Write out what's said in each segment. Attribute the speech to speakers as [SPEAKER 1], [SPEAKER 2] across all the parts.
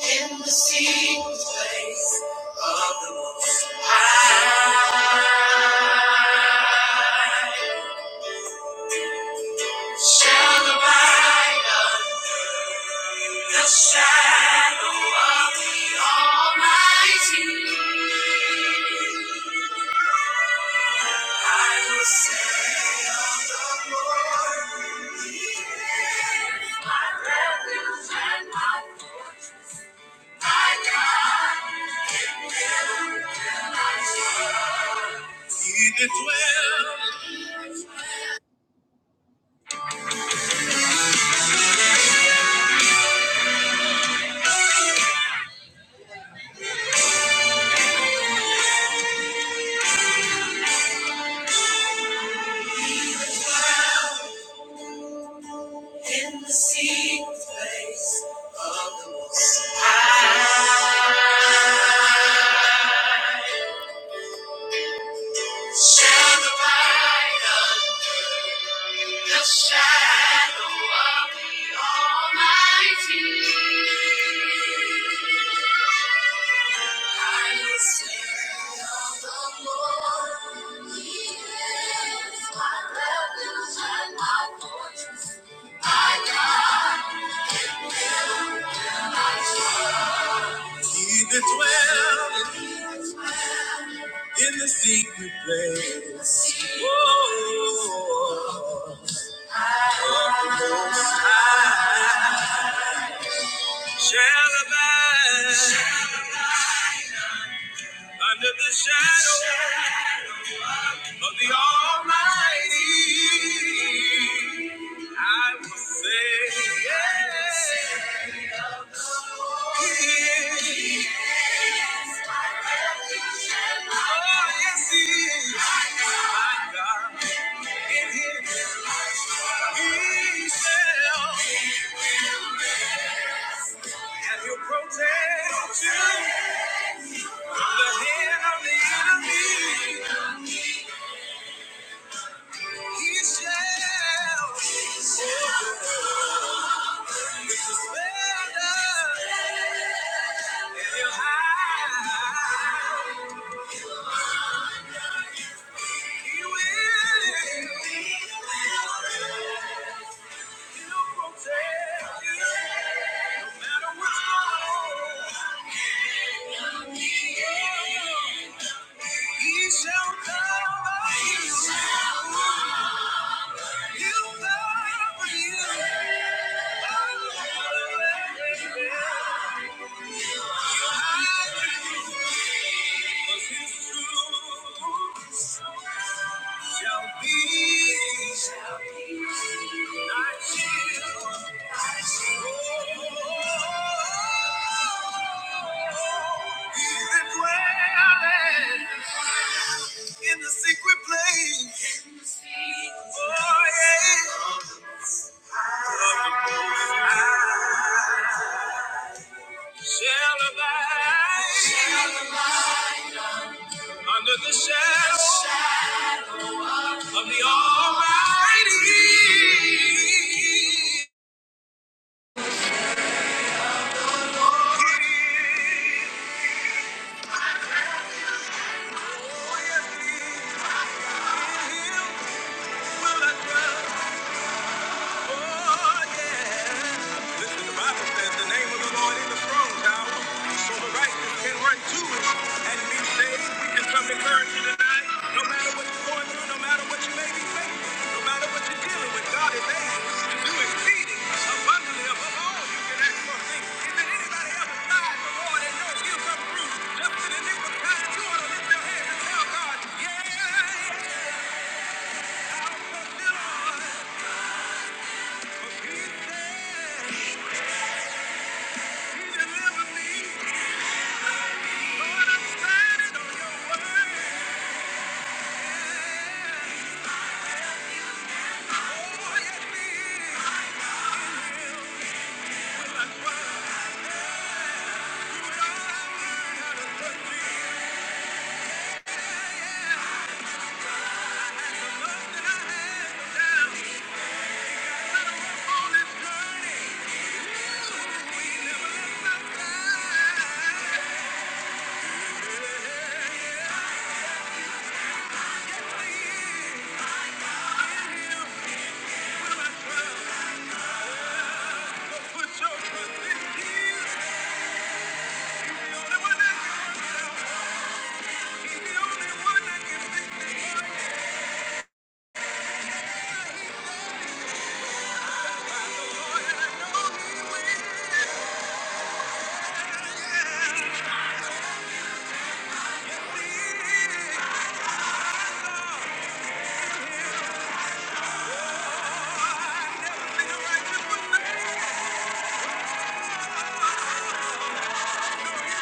[SPEAKER 1] in the secret place of the Most High. Shall abide under the shadow of the Almighty. Will say of the Lord, He is my refuge. He that well. In the secret place of the Most High shall the light of the shadow of the Almighty. I will say of the Lord, He is my refuge and my fortress, my God. He did dwell in the secret place. Whoa, I shall abide under the shadow of the Almighty. I will say, yeah. He is. Oh, yes, He is. My God, in Him He shall, and He'll protect you. He shall cover you. He'll cover you. Under the shadow of the Almighty. Listen, the Bible says the name of the Lord is a strong tower, so the righteous can run to it and be saved. We can come encourage you tonight. No matter what going through, no matter what you may be facing, no matter what you're dealing with, God is to do exceeding abundantly above all you can ask or think. Is there anybody else besides the Lord that knows He'll come through? Just in the nick time, you ought to lift your hands and tell God, Yeah, fulfill all that. Yeah. Yeah.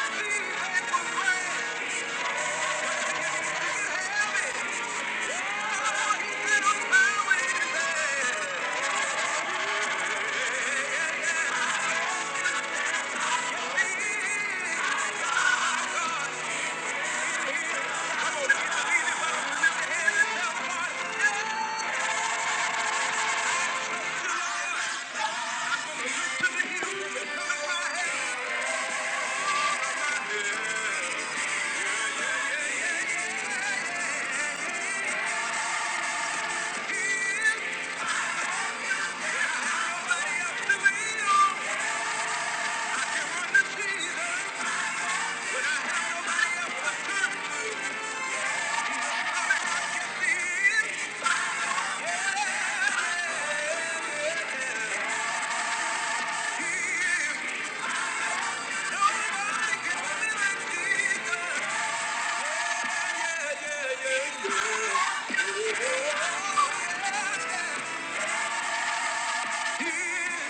[SPEAKER 1] yeah, yeah.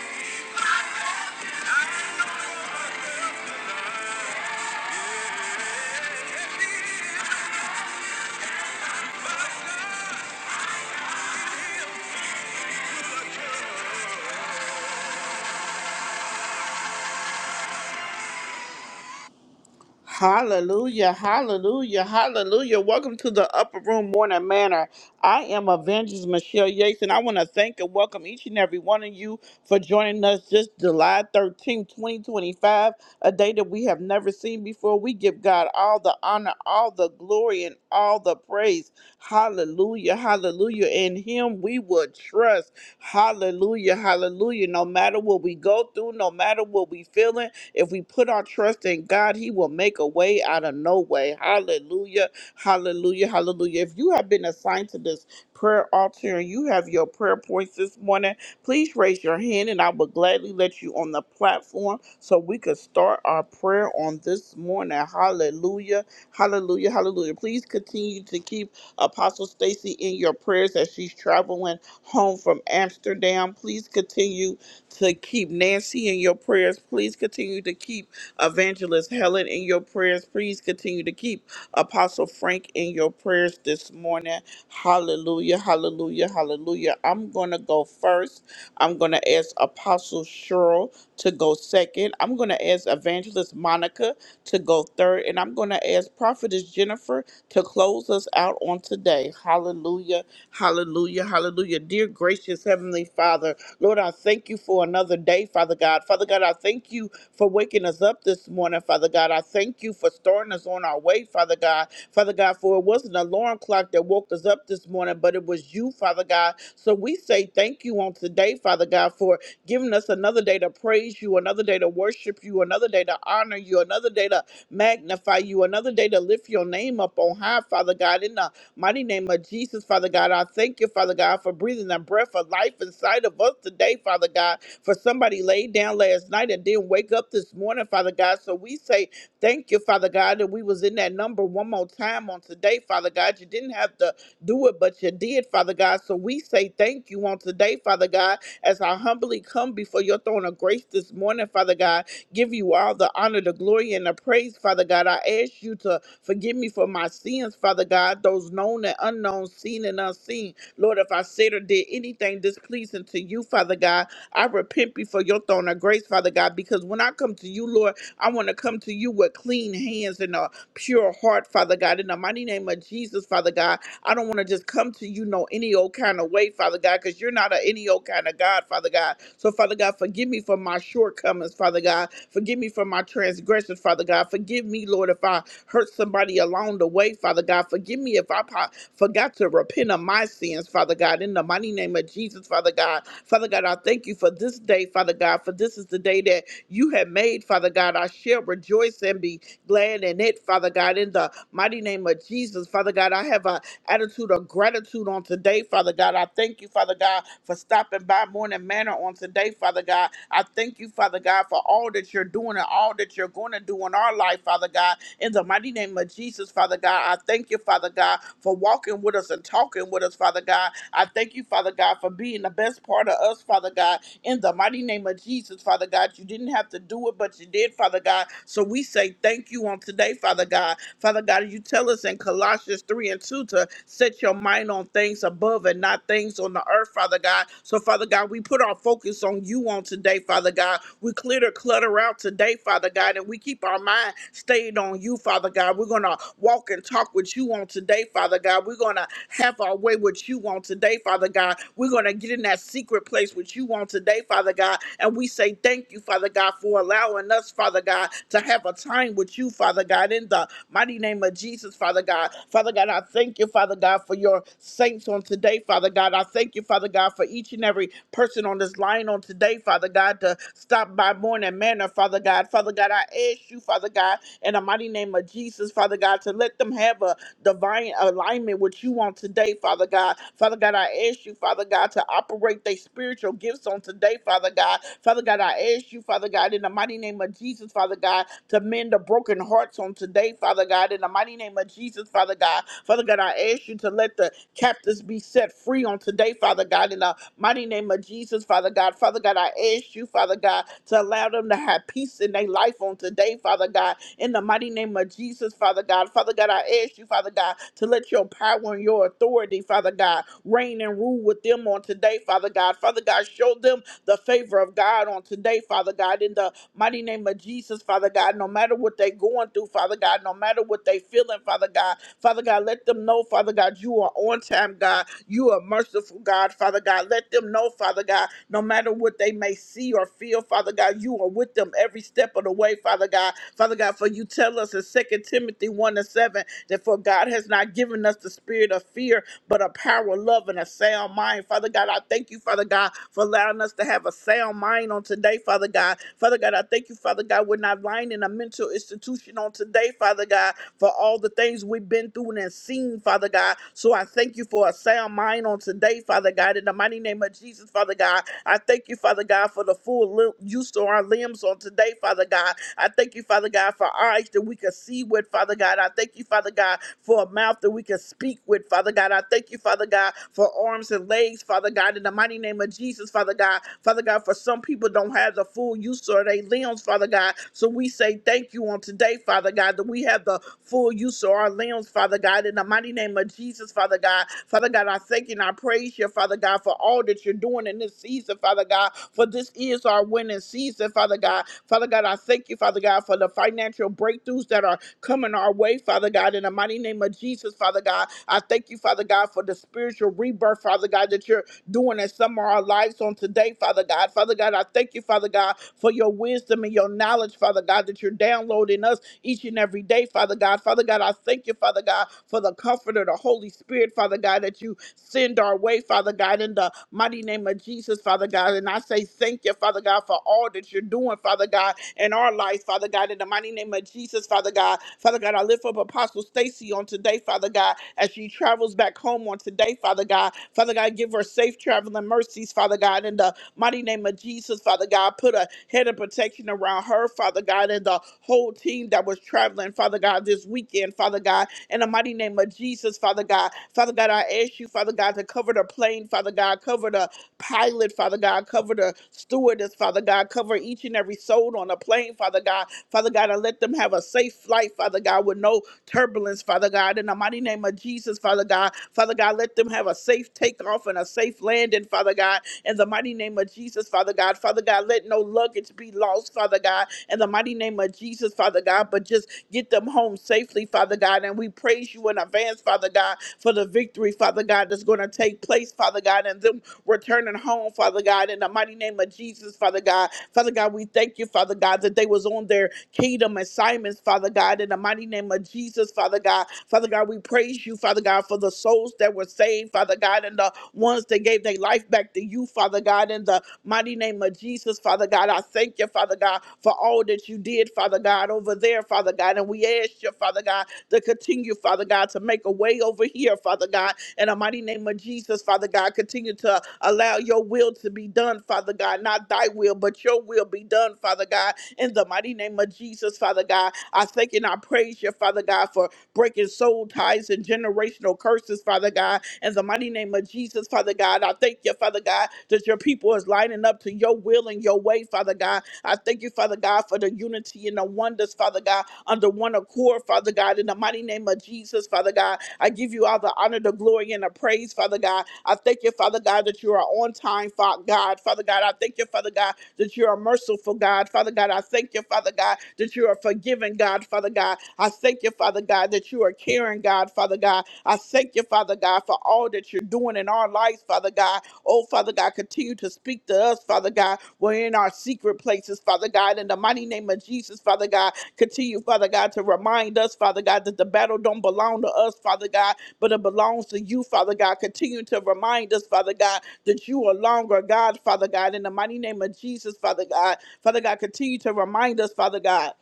[SPEAKER 1] Hallelujah, hallelujah, hallelujah. Welcome to the Upper Room Morning Manor. I am Avengers Michelle Yates, and I want to thank and welcome each and every one of you for joining us this July thirteenth, 2025, a day that we have never seen before. We give God all the honor, all the glory, and all the praise. Hallelujah, hallelujah. In Him we will trust. Hallelujah, hallelujah. No matter what we go through, no matter what we feeling, if we put our trust in God, He will make a way out of no way. Hallelujah. Hallelujah. Hallelujah. If you have been assigned to this prayer altar and you have your prayer points this morning, please raise your hand and I will gladly let you on the platform so we could start our prayer on this morning. Hallelujah. Hallelujah. Hallelujah. Please continue to keep Apostle Stacy in your prayers as she's traveling home from Amsterdam. Please continue to keep Nancy in your prayers. Please continue to keep Evangelist Helen in your prayers. Please continue to keep Apostle Frank in your prayers this morning. Hallelujah, hallelujah, hallelujah. I'm going to go first. I'm going to ask Apostle Cheryl to go second. I'm going to ask Evangelist Monica to go third. And I'm going to ask Prophetess Jennifer to close us out on today. Hallelujah, hallelujah, hallelujah. Dear gracious Heavenly Father, Lord, I thank you for another day, Father God. Father God, I thank you for waking us up this morning, Father God. I thank you for starting us on our way, Father God. Father God, for it wasn't an alarm clock that woke us up this morning, but it was you, Father God. So we say thank you on today, Father God, for giving us another day to praise you, another day to worship you, another day to honor you, another day to magnify you, another day to lift your name up on high, Father God. In the Mighty name of Jesus, Father God, I thank you, Father God, for breathing the breath of life inside of us today, Father God. For somebody laid down last night and didn't wake up this morning, Father God. So we say thank you, Father God, that we was in that number one more time on today, Father God. You didn't have to do it, but you did, Father God. So we say thank you on today, Father God, as I humbly come before your throne of grace this morning, Father God give you all the honor, the glory, and the praise, Father God. I ask you to forgive me for my sins, Father God, those known and unknown, seen and unseen. Lord, if I said or did anything displeasing to you, Father God, I repent before your throne of grace, Father God, because when I come to you, Lord, I want to come to you with clean hands and a pure heart, Father God. In the mighty name of Jesus, Father God, I don't want to just come to you no any old kind of way, Father God, because you're not an any old kind of God, Father God. So, Father God, forgive me for my shortcomings, Father God. Forgive me for my transgressions, Father God. Forgive me, Lord, if I hurt somebody along the way, Father God. Forgive me if I po- forgot to repent of my sins, Father God. In the mighty name of Jesus, Father God. Father God, I thank you for this day, Father God, for this is the day that you have made, Father God. I shall rejoice and be land and it, Father God, in the mighty name of Jesus. Father God, I have an attitude of gratitude on today, Father God. I thank you, Father God, for stopping by Morning Manor on today, Father God. I thank you, Father God, for all that you're doing and all that you're going to do in our life, Father God. In the mighty name of Jesus, Father God, I thank you, Father God, for walking with us and talking with us, Father God. I thank you, Father God, for being the best part of us, Father God in the mighty name of Jesus, Father God. You didn't have to do it, but you did, Father God. So we say thank you on today, Father God. Father God, you tell us in Colossians 3 and 2 to set your mind on things above and not things on the earth, Father God. So, Father God, we put our focus on you on today, Father God. We clear the clutter out today, Father God, and we keep our mind stayed on you, Father God. We're going to walk and talk with you on today, Father God. God. We're going to have our way what you want today, Father God. We're going to get in that secret place what you want today, Father God. And we say thank you, Father God, for allowing us, Father God, to have a time with you, Father God, in the mighty name of Jesus, Father God. Father God, I thank you, Father God, for your saints on today, Father God. I thank you, Father God, for each and every person on this line on today, Father God, to stop by morning manner, Father God. Father God, God. I ask you, Father God, in the mighty name of Jesus, Father God, to let them have a divine alignment with you on today, Father God. Father God, I ask you, Father God, to operate their spiritual gifts on today, Father God. Father God, I ask you, Father God, in the mighty name of Jesus, Father God, to mend the broken hearts on today, Father God. In the mighty name of Jesus, Father God. Father God, I ask you to let the captives be set free on today, Father God. In the Mighty name of Jesus, Father God. Father God, I ask you, Father God, to allow them to have peace in their life on today, Father God. In the mighty name of Jesus, Father God. Father God, I ask you, Father God, to let your power and your authority, Father God, reign and rule with them on today, Father God. Father God, show them the favor of God on today, Father God. In the mighty name of Jesus, Father God, no matter what they're going through, Father God, no matter what they're feeling, Father God, Father God, let them know, Father God, you are on time, God. You are merciful, God. Father God, let them know, Father God, no matter what they may see or feel, Father God, you are with them every step of the way, Father God. Father God, for you tell us in Second Timothy 1 and 7 that for God has not given us the spirit of fear, but a power, of love, and a sound mind. Father God, I thank you, Father God, for allowing us to have a sound mind on today, Father God. Father God, I thank you, Father God, we're not lying in a mental institution restitution on today, Father God, for all the things we've been through and seen, Father God. So I thank you for a sound mind on today, Father God. In the mighty name of Jesus, Father God, I thank you, Father God, for the full lim- use of our limbs on today, Father God. I thank you, Father God, for eyes that we can see with, Father God. I thank you, Father God, for a mouth that we can speak with, Father God. I thank you, Father God, for arms and legs, Father God. In the mighty name of Jesus, Father God. Father God, for some people don't have the full use of of their limbs, Father God. So we say thank you on today, Father God, that we have the full use of our limbs, Father God, in the mighty name of Jesus, Father God. Father God, I thank you and I praise you, Father God, for all that you're doing in this season, Father God, for this is our winning season, Father God. Father God, I thank you, Father God, for the financial breakthroughs that are coming our way, Father God, in the mighty name of Jesus, Father God. I thank you, Father God, for the spiritual rebirth, Father God, that you're doing in some of our lives on today today, Father God. Father God, I thank you, Father God, for your wisdom and your knowledge, Father God, that you're downloading us each and every day, Father God. Father God, I thank you, Father God, for the comforter, the Holy Spirit, Father God, that you send our way, Father God, in the mighty name of Jesus, Father God. And I say thank you, Father God, for all that you're doing, Father God, in our lives, Father God, in the mighty name of Jesus, Father God. Father God, I lift up Apostle Stacy on today, Father God, as she travels back home on today, Father God. Father God, give her safe traveling mercies, Father God, in the mighty name of Jesus, Father God. Put a head of protection around her, Father God, and the whole team that was traveling, Father God, this weekend, Father God, in the mighty name of Jesus, Father God. Father God, I ask you, Father God, to cover the plane, Father God, cover the pilot, Father God, cover the stewardess, Father God, cover each and every soul on the plane, Father God, Father God, and let them have a safe flight, Father God, with no turbulence, Father God, in the mighty name mighty name of Jesus, Father God. Father God, let them have a safe takeoff and a safe landing, Father God. In the mighty name of Jesus, Father God. Father God, let no luggage be lost, Father God. In the mighty name of Jesus, Father God, but just get them home safely, Father God. And we praise you in advance, Father God, for the victory, Father God, that's going to take place, Father God, and them returning home, Father God, in the mighty name of Jesus, Father God. Father God, we thank you, Father God, that they was on their kingdom assignments, Father God. God, in the mighty name of Jesus, Father God. Father God, we praise you, Father God, for the souls that were saved, Father God, and the ones that gave their life back to you, Father God, in the mighty name of Jesus, Father God. I thank you, Father God, for all that you did, Father God, over there, Father God. And we ask you, Father God, to continue, Father God, to make a way over here, Father God, in the mighty name of Jesus, Father God. Continue to allow your will to be done, Father God, not thy will, but your will be done, Father God in the mighty name of Jesus, Father God, I thank you and I praise you, Father God, for breaking soul ties and generational curses, Father God. In the mighty name of Jesus, Father God, I thank you, Father God, that your people is lining up to your will and your way, Father God. I thank you, Father God, for the unity and the wonders, Father God, under one accord, Father God. In the mighty name of Jesus, Father God, I give you all the honor, the glory, and the praise, Father God. I thank you, Father God, that you are on time, Fa- God. Father God, I thank you, Father God, that you are merciful, God. Father God, I thank you, Father God, that you are forgiving, God. Father God, God. I thank you, Father God, that you are caring, God, Father God. I thank you, Father God, for all that you're doing in our lives, Father God. Oh, Father God, continue to speak to us, Father God. We're in our secret places, Father God. In the mighty name of Jesus, Father God, continue, Father God, to remind us, Father God, that the battle don't belong to us, Father God, but it belongs to you, Father God. Continue to remind us, Father God, that you are longer, God, Father God. In the mighty name of Jesus, Father God. Father God, continue to remind us, Father God.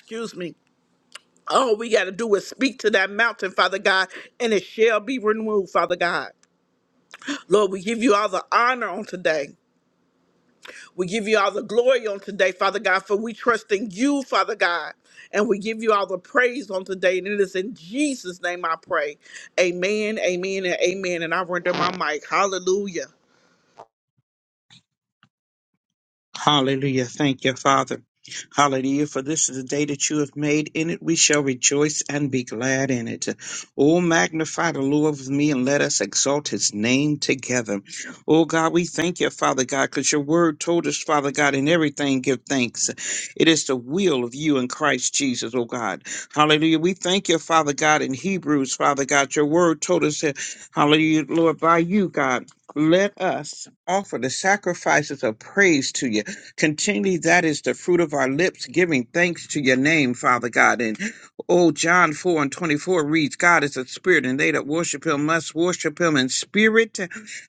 [SPEAKER 1] Excuse me all we got to do is speak to that mountain, Father God, and it shall be removed, Father God. Lord, we give you all the honor on today. We give you all the glory on today, Father God, for we trust in you, Father God. And we give you all the praise on today. And it is in Jesus' name I pray. Amen, amen, and amen. And I render my mic. Hallelujah.
[SPEAKER 2] Hallelujah. Thank you, Father. Hallelujah. For this is the day that you have made. In it we shall rejoice and be glad in it. Oh, magnify the Lord with me and let us exalt his name together. Oh, God, we thank you, Father God, because your word told us, Father God, in everything give thanks. It is the will of you in Christ Jesus, oh God. Hallelujah. We thank you, Father God, in Hebrews, Father God. Your word told us, that, hallelujah, Lord, by you, God. Let us offer the sacrifices of praise to you. Continually, that is the fruit of our lips, giving thanks to your name, Father God. And oh, John 4 and 24 reads, God is a spirit, and they that worship him must worship him in spirit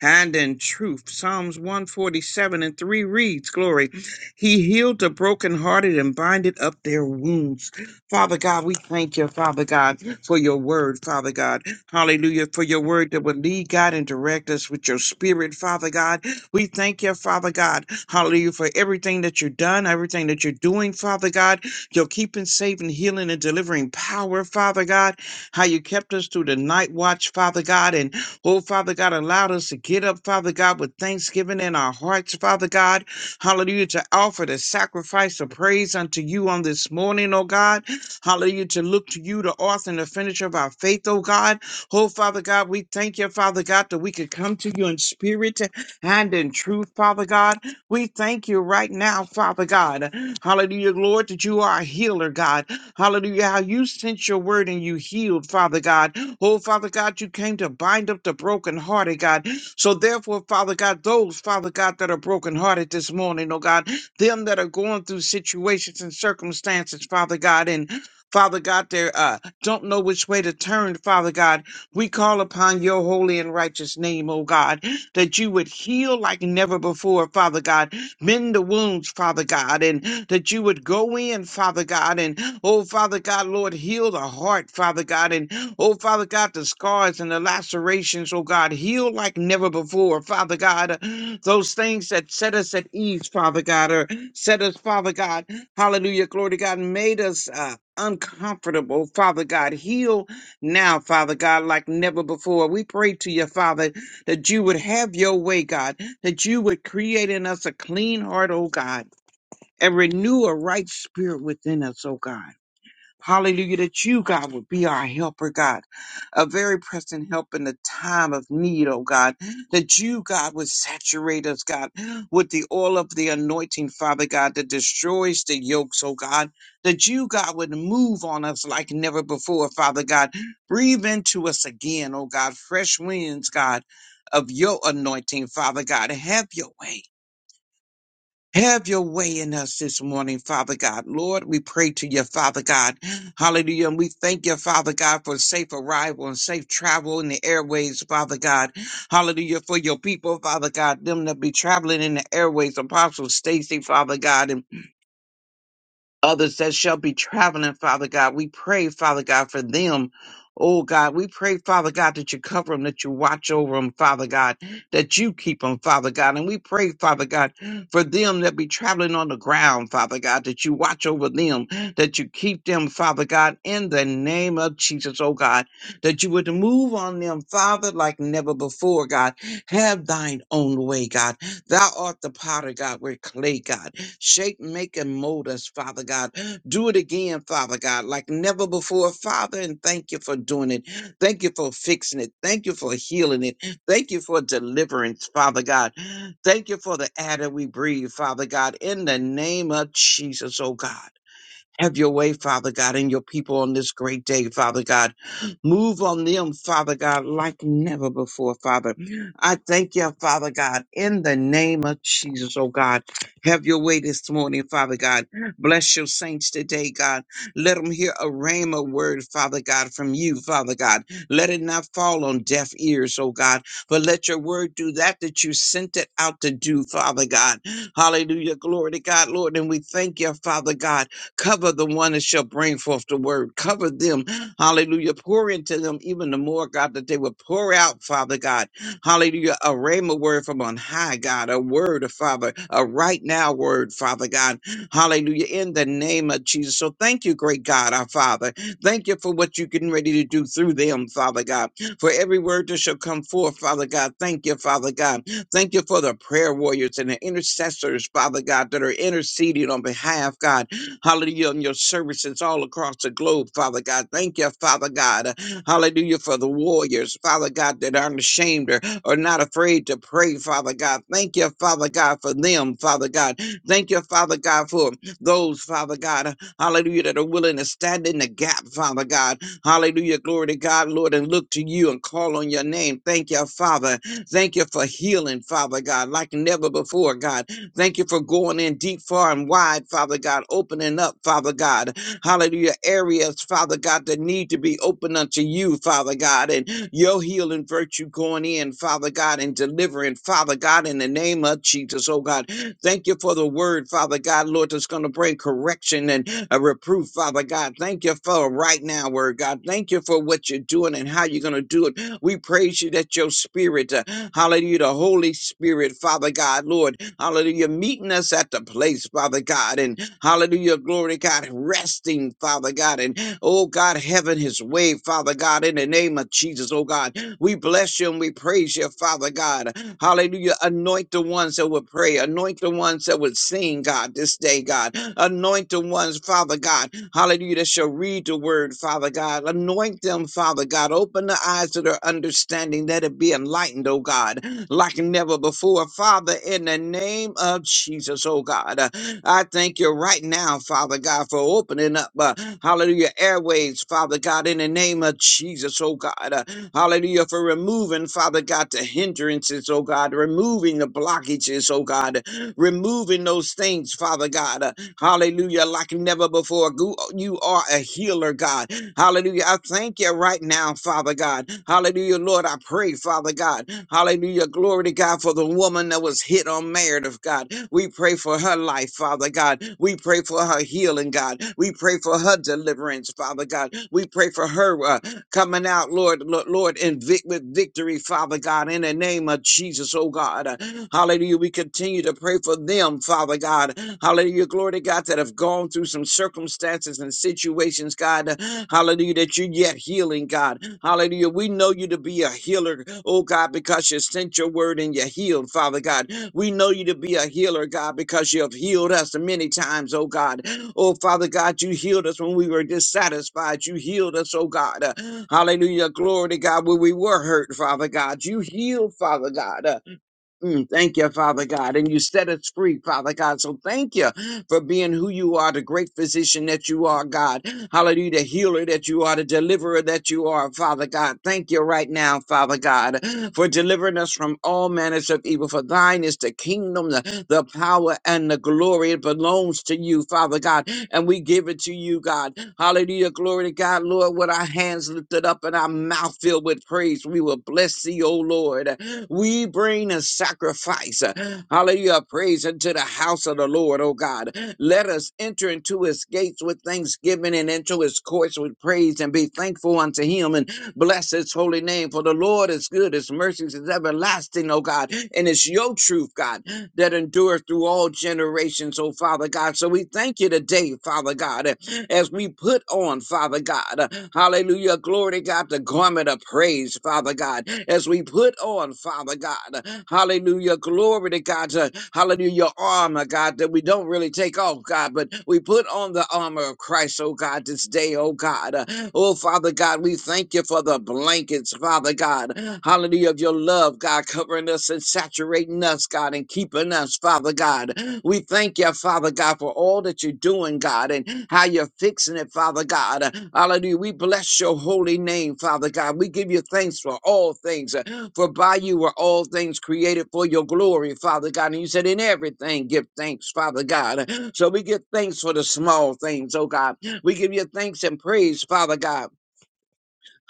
[SPEAKER 2] and in truth. Psalms 147 and 3 reads, Glory, he healed the brokenhearted and binded up their wounds. Father God, we thank you, Father God, for your word, Father God. Hallelujah, for your word that would lead, God, and direct us with your spirit, Father God. We thank you, Father God. Hallelujah for everything that you've done, everything that you're doing, Father God. You're keeping, saving, healing, and delivering power, Father God. How you kept us through the night watch, Father God. And oh, Father God, allowed us to get up, Father God, with thanksgiving in our hearts, Father God. Hallelujah to offer the sacrifice of praise unto you on this morning, oh God. Hallelujah to look to you, the author and the finisher of our faith, oh God. Oh, Father God, we thank you, Father God, that we could come to you in spirit and in truth, Father God. We thank you right now, Father God. Hallelujah, Lord, that you are a healer, God. Hallelujah, how you sent your word and you healed, Father God. Oh, Father God, you came to bind up the brokenhearted, God. So therefore, Father God, those, Father God, that are brokenhearted this morning, oh God, them that are going through situations and circumstances, Father God, and Father God, they uh, don't know which way to turn, Father God. We call upon your holy and righteous name, oh God that you would heal like never before, Father God. Mend the wounds, Father God, and that you would go in, Father God, and oh, Father God, Lord, heal the heart, Father God, and oh, Father God, the scars and the lacerations, oh God, heal like never before, Father God. Those things that set us at ease, Father God, or set us, Father God, hallelujah, glory to God, made us uh, uncomfortable, Father God. Heal now, Father God, like never before. We pray to you, Father, that you would have your way, God, that you would create in us a clean heart, oh God, and renew a right spirit within us, oh God. Hallelujah, that you, God, would be our helper, God, a very present help in the time of need, oh God, that you, God, would saturate us, God, with the oil of the anointing, Father God, that destroys the yokes, oh God, that you, God, would move on us like never before, Father God. Breathe into us again, oh God, fresh winds, God, of your anointing, Father God. Have your way. Have your way in us this morning, Father God. Lord, we pray to you, Father God. Hallelujah. And we thank you, Father God, for safe arrival and safe travel in the airways, Father God. Hallelujah. For your people, Father God, them that be traveling in the airways, Apostle Stacy, Father God, and others that shall be traveling, Father God. We pray, Father God, for them. Oh God, we pray, Father God, that you cover them, that you watch over them, Father God, that you keep them, Father God. And we pray, Father God, for them that be traveling on the ground, Father God, that you watch over them, that you keep them, Father God, in the name of Jesus, oh God, that you would move on them, Father, like never before, God. Have thine own way, God. Thou art the potter, God. We're clay, God. Shape, make, and mold us, Father God. Do it again, Father God, like never before, Father. And thank you for doing it. Thank you for fixing it. Thank you for healing it. Thank you for deliverance, Father God. Thank you for the air that we breathe, Father God, in the name of Jesus, oh God. Have your way, Father God, and your people on this great day, Father God. Move on them, Father God, like never before, Father. I thank you, Father God, in the name of Jesus, oh God. Have your way this morning, Father God. Bless your saints today, God. Let them hear a rhema word, Father God, from you, Father God. Let it not fall on deaf ears, oh God, but let your word do that that you sent it out to do, Father God. Hallelujah. Glory to God, Lord. And we thank you, Father God. Cover the one that shall bring forth the word. Cover them. Hallelujah. Pour into them even the more, God, that they would pour out, Father God. Hallelujah. A rhema word from on high, God. A word, of Father. A right now word, Father God. Hallelujah. In the name of Jesus. So thank you, great God, our Father. Thank you for what you're getting ready to do through them, Father God. For every word that shall come forth, Father God. Thank you, Father God. Thank you for the prayer warriors and the intercessors, Father God, that are interceding on behalf, God. Hallelujah. On your services all across the globe, Father God. Thank you, Father God. Hallelujah for the warriors, Father God, that aren't ashamed or are not afraid to pray, Father God. Thank you, Father God, for them, Father God. Thank you, Father God, for those, Father God, hallelujah, that are willing to stand in the gap, Father God. Hallelujah. Glory to God, Lord, and look to you and call on your name. Thank you, Father. Thank you for healing, Father God, like never before, God. Thank you for going in deep, far, and wide, Father God, opening up, Father God. Hallelujah. Areas, Father God, that need to be open unto you, Father God, and your healing virtue going in, Father God, and delivering, Father God, in the name of Jesus, oh God. Thank you for the word, Father God, Lord, that's going to bring correction and a reproof, Father God. Thank you for right now, Word God. Thank you for what you're doing and how you're going to do it. We praise you that your spirit, uh, hallelujah, the Holy Spirit, Father God, Lord. Hallelujah. Meeting us at the place, Father God. And hallelujah, glory God. Resting, Father God. And oh God, heaven his way, Father God, in the name of Jesus, oh God. We bless you and we praise you, Father God. Hallelujah. Anoint the ones that would pray. Anoint the ones that would sing, God, this day, God. Anoint the ones, Father God. Hallelujah. That shall read the word, Father God. Anoint them, Father God. Open the eyes of their understanding that it be enlightened, oh God like never before. Father, in the name of Jesus, oh God, uh, I thank you right now, Father God, for opening up, uh, hallelujah, airways, Father God, in the name of Jesus, oh God, uh, hallelujah, for removing, Father God, the hindrances, oh God, removing the blockages, oh God, removing those things, Father God, uh, hallelujah, like never before. Gu- You are a healer, God. Hallelujah. I thank you right now, Father God. Hallelujah, Lord. I pray, Father God. Hallelujah. Glory to God for the woman that was hit on merit of God. We pray for her life, Father God. We pray for her healing, God. We pray for her deliverance, Father God. We pray for her. uh, coming out, Lord, Lord, Lord, in vic- with victory, Father God, in the name of Jesus, oh God. Hallelujah. We continue to pray for them, Father God. Hallelujah. Glory to God that have gone through some circumstances and situations, God. Hallelujah. That you're yet healing, God. Hallelujah. We know you to be a healer, oh God, because you sent your word and you healed, Father God. We know you to be a healer, God, because you have healed us many times, oh God. Oh, Father God, you healed us when we were dissatisfied. You healed us, oh God. Uh, Hallelujah. Glory to God. When we were hurt, Father God, you healed, Father God. Uh, Mm, thank you, Father God. And you set us free, Father God. So thank you for being who you are, the great physician that you are, God. Hallelujah, the healer that you are, the deliverer that you are, Father God. Thank you right now, Father God, for delivering us from all manners of evil. For thine is the kingdom, the, the power, and the glory. It belongs to you, Father God. And we give it to you, God. Hallelujah, glory to God, Lord, with our hands lifted up and our mouth filled with praise. We will bless thee, O Lord. We bring a sacrifice. uh, Hallelujah. Praise into the house of the Lord, oh God. Let us enter into his gates with thanksgiving and into his courts with praise and be thankful unto him and bless his holy name. For the Lord is good, his mercies is everlasting, oh God. And it's your truth, God that endures through all generations, oh Father God. So we thank you today, Father God, as we put on, Father God, hallelujah, glory to God, the garment of praise, Father God, as we put on, Father God, hallelujah, glory to God, uh, hallelujah, your armor, God, that we don't really take off, God, but we put on the armor of Christ, oh God. God, this day, oh God. Uh, Oh, Father God, we thank you for the blankets, Father God. Hallelujah of your love, God, covering us and saturating us, God, and keeping us, Father God. We thank you, Father God, for all that you're doing, God, and how you're fixing it, Father God. Uh, Hallelujah. We bless your holy name, Father God. We give you thanks for all things, uh, for by you were all things created for your glory, Father God. And you said, in everything, give thanks, Father God. So we give thanks for the small things, oh God we give you thanks and praise, Father God.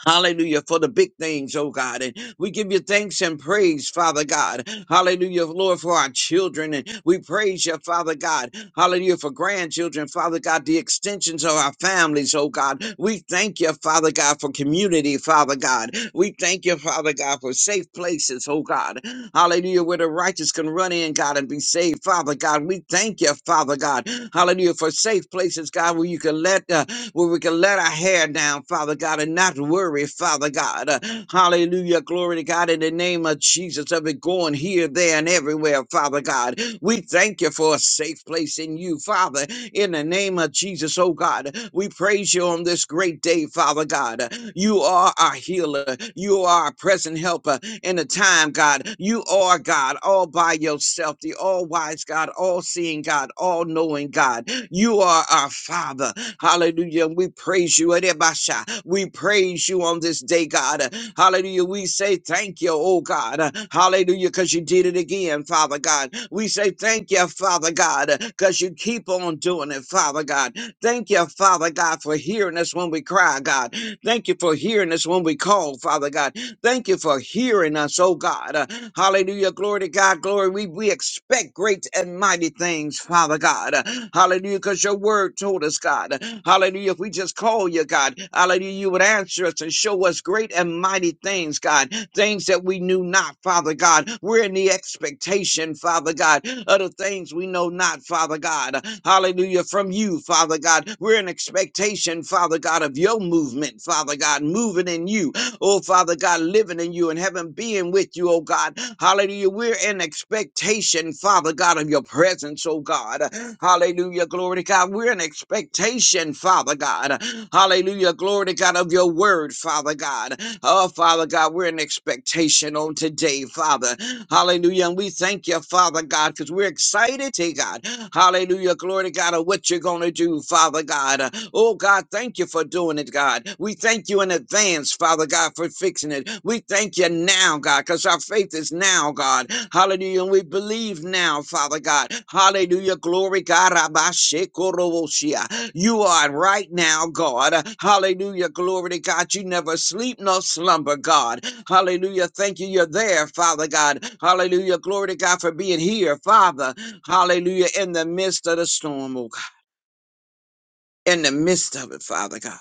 [SPEAKER 2] Hallelujah for the big things, oh God. And we give you thanks and praise, Father God. Hallelujah, Lord, for our children. And we praise you, Father God. Hallelujah for grandchildren, Father God, the extensions of our families, oh God. We thank you, Father God, for community, Father God. We thank you, Father God, for safe places, oh God. Hallelujah, where the righteous can run in, God, and be saved, Father God. We thank you, Father God. Hallelujah for safe places, God, where you can let uh, where we can let our hair down, Father God, and not worry, Father God. Uh, hallelujah. Glory to God in the name of Jesus. Of it going here, there, and everywhere, Father God. We thank you for a safe place in you, Father, in the name of Jesus, oh God. We praise you on this great day, Father God. You are our healer. You are our present helper in the time, God. You are God all by yourself, the all wise God, all seeing God, all knowing God. You are our Father. Hallelujah. And we praise you. Erebasha. We praise you on this day, God. Hallelujah. We say thank you, oh God. Hallelujah, because you did it again, Father God. We say thank you, Father God, because you keep on doing it, Father God. Thank you, Father God, for hearing us when we cry, God. Thank you for hearing us when we call, Father God. Thank you for hearing us, oh God. Hallelujah. Glory to God. Glory. We, we expect great and mighty things, Father God. Hallelujah. Because your word told us, God. Hallelujah. If we just call you, God, hallelujah, you would answer us and show us great and mighty things, God. Things that we knew not, Father God. We're in the expectation, Father God, of the things we know not, Father God. Hallelujah. From you, Father God. We're in expectation, Father God, of your movement, Father God, moving in you. Oh, Father God, living in you and having being with you, oh God. Hallelujah. We're in expectation, Father God, of your presence, oh God. Hallelujah. Glory to God. We're in expectation, Father God. Hallelujah. Glory to God of your word, Father God. Oh, Father God, we're in expectation on today, Father. Hallelujah. And we thank you thank you, Father God, because we're excited, hey God. Hallelujah. Glory to God of what you're going to do, Father God. Uh, Oh God, thank you for doing it, God. We thank you in advance, Father God, for fixing it. We thank you now, God, because our faith is now, God. Hallelujah. And we believe now, Father God. Hallelujah. Glory, God. Rabashekorowoshia. You are right now, God. Hallelujah. Glory to God. You never sleep nor slumber, God. Hallelujah. Thank you. You're there, Father God. Hallelujah. Glory to God for being here, Father. Hallelujah. In the midst of the storm, oh God. In the midst of it, Father God.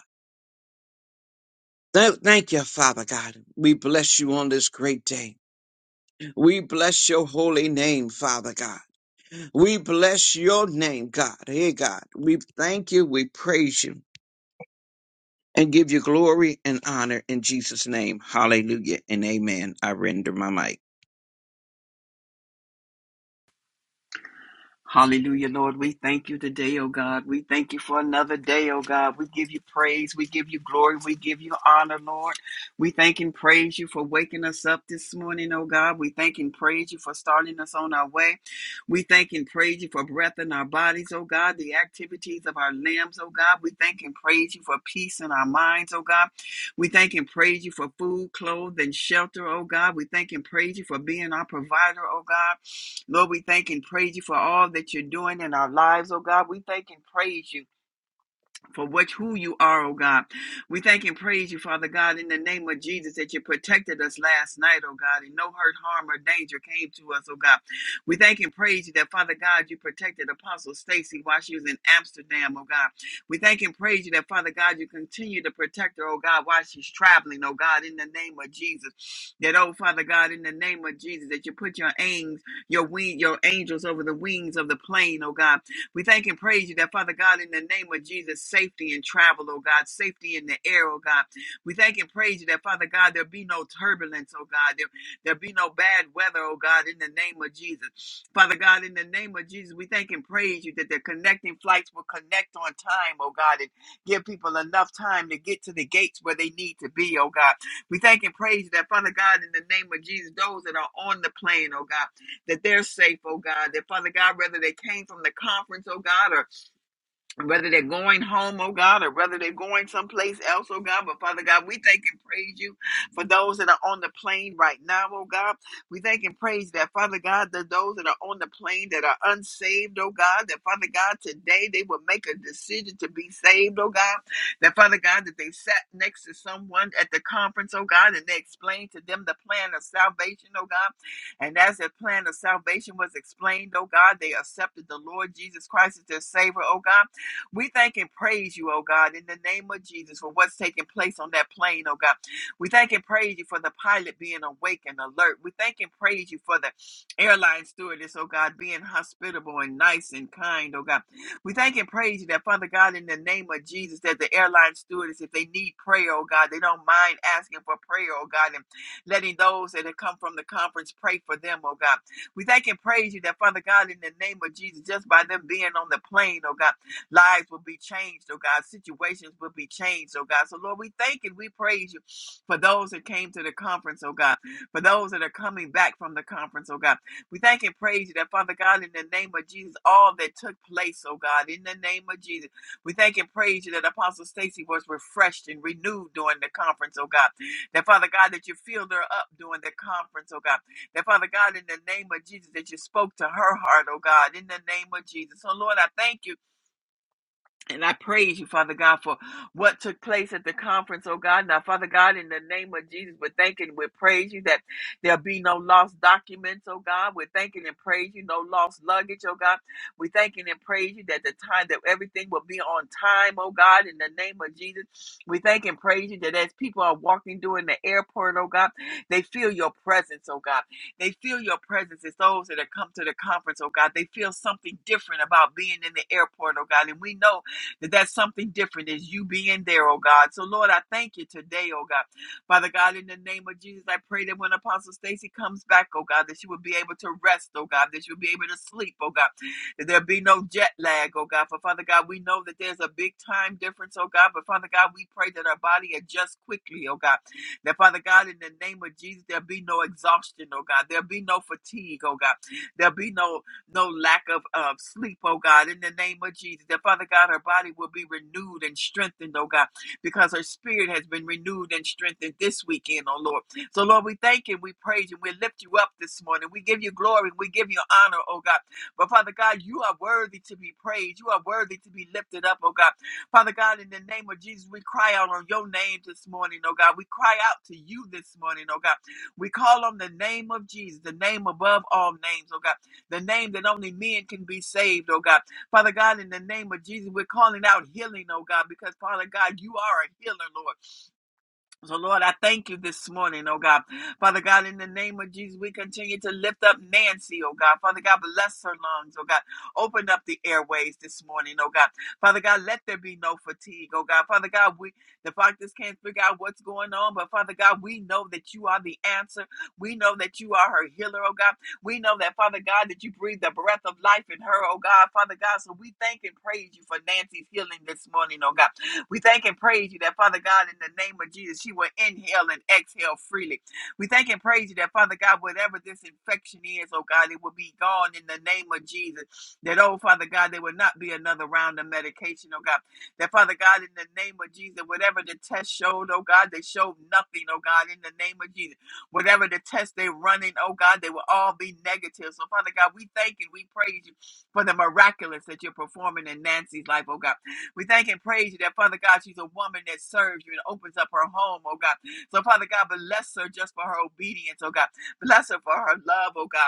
[SPEAKER 2] Thank thank you, Father God. We bless you on this great day. We bless your holy name, Father God. We bless your name, God. Hey, God. We thank you. We praise you and give you glory and honor in Jesus' name. Hallelujah and amen. I render my mic.
[SPEAKER 3] Hallelujah, Lord. We thank you today, oh God. We thank you for another day, oh God. We give you praise. We give you glory. We give you honor, Lord. We thank and praise you for waking us up this morning, oh God. We thank and praise you for starting us on our way. We thank and praise you for breath in our bodies, oh God, the activities of our limbs, oh God. We thank and praise you for peace in our minds, oh God. We thank and praise you for food, clothes, and shelter, oh God. We thank and praise you for being our provider, oh God. Lord, we thank and praise you for all that you're doing in our lives, oh God. We thank and praise you for which who you are, oh God. We thank and praise you, Father God, in the name of Jesus, that you protected us last night, oh God, and no hurt, harm, or danger came to us, oh God. We thank and praise you that, Father God, you protected Apostle Stacy while she was in Amsterdam, oh God. We thank and praise you that, Father God, you continue to protect her, oh God, while she's traveling, oh God, in the name of Jesus. That, oh Father God, in the name of Jesus, that you put your wings, your wing, your angels over the wings of the plane, oh God we thank and praise you that, Father God, in the name of Jesus, safety in travel, oh God, safety in the air, oh God. We thank and praise you that, Father God, there be no turbulence, oh God. There, there be no bad weather, oh God, in the name of Jesus. Father God, in the name of Jesus, we thank and praise you that the connecting flights will connect on time, oh God, and give people enough time to get to the gates where they need to be, oh God. We thank and praise you that, Father God, in the name of Jesus, those that are on the plane, oh God that they're safe, oh God. That Father God, whether they came from the conference, oh God, or whether they're going home, oh God, or whether they're going someplace else, oh God. But Father God, we thank and praise you for those that are on the plane right now, oh God. We thank and praise that, Father God, that those that are on the plane that are unsaved, oh God, that Father God, today they will make a decision to be saved, oh God. That Father God, that they sat next to someone at the conference, oh God, and they explained to them the plan of salvation, oh God. And as their plan of salvation was explained, oh God, they accepted the Lord Jesus Christ as their Savior, oh God. We thank and praise you, oh God, in the name of Jesus for what's taking place on that plane, oh God. We thank and praise you for the pilot being awake and alert. We thank and praise you for the airline stewardess, oh God, being hospitable and nice and kind, oh God. We thank and praise you that, Father God, in the name of Jesus, that the airline stewardess, if they need prayer, oh God, they don't mind asking for prayer, oh God, and letting those that have come from the conference pray for them, oh God. We thank and praise you that, Father God, in the name of Jesus, just by them being on the plane, oh God. Lives will be changed, oh God. Situations will be changed, oh God. So, Lord, we thank and we praise you for those that came to the conference, oh God. For those that are coming back from the conference, oh God. We thank and praise you that, Father God, in the name of Jesus, all that took place, oh God, in the name of Jesus. We thank and praise you that Apostle Stacy was refreshed and renewed during the conference, oh God. That, Father God, that you filled her up during the conference, oh God. That, Father God, in the name of Jesus, that you spoke to her heart, oh God, in the name of Jesus. So, Lord, I thank you and I praise you, Father God, for what took place at the conference, oh God. Now, Father God, in the name of Jesus, we're thanking, we praise you that there'll be no lost documents, oh God. We're thanking and praise you, no lost luggage, oh God. We're thanking and praise you that the time that everything will be on time, oh God, in the name of Jesus. We thank and praise you that as people are walking during the airport, oh God, they feel your presence, oh God. They feel your presence. It's those that have come to the conference, oh God. They feel something different about being in the airport, oh God. And we know that that's something different is you being there, oh God. So, Lord, I thank you today, oh God. Father God, in the name of Jesus, I pray that when Apostle Stacy comes back, oh God, that she will be able to rest, oh God, that she'll be able to sleep, oh God, that there'll be no jet lag, oh God. For Father God, we know that there's a big time difference, oh God, but Father God, we pray that our body adjusts quickly, oh God. That Father God, in the name of Jesus, there'll be no exhaustion, oh God. There'll be no fatigue, oh God. There'll be no no lack of, of sleep, oh God, in the name of Jesus. That Father God, her body will be renewed and strengthened, oh God, because her spirit has been renewed and strengthened this weekend, oh Lord. So, Lord, we thank you, we praise you, we lift you up this morning. We give you glory, we give you honor, oh God. But Father God, you are worthy to be praised, you are worthy to be lifted up, oh God. Father God, in the name of Jesus, we cry out on your name this morning, oh God. We cry out to you this morning, oh God. We call on the name of Jesus, the name above all names, oh God the name that only men can be saved, oh God. Father God, in the name of Jesus, we're calling out healing, oh God, because Father God, you are a healer, Lord. So, Lord, I thank you this morning, oh God. Father God, in the name of Jesus, we continue to lift up Nancy, oh God. Father God, bless her lungs, oh God. Open up the airways this morning, oh God. Father God, let there be no fatigue, oh God. Father God, we the doctors can't figure out what's going on, but Father God, we know that you are the answer. We know that you are her healer, oh God. We know that, Father God, that you breathe the breath of life in her, oh God. Father God, so we thank and praise you for Nancy's healing this morning, oh God. We thank and praise you that, Father God, in the name of Jesus, she will inhale and exhale freely. We thank and praise you that, Father God, whatever this infection is, oh God, it will be gone in the name of Jesus. That, oh Father God, there will not be another round of medication, oh God. That, Father God, in the name of Jesus, whatever the test showed, oh God, they showed nothing, oh God, in the name of Jesus. Whatever the test they're running, oh God, they will all be negative. So, Father God, we thank and we praise you for the miraculous that you're performing in Nancy's life, oh God. We thank and praise you that, Father God, she's a woman that serves you and opens up her home, oh God. So, Father God, bless her just for her obedience, oh God. Bless her for her love, oh God.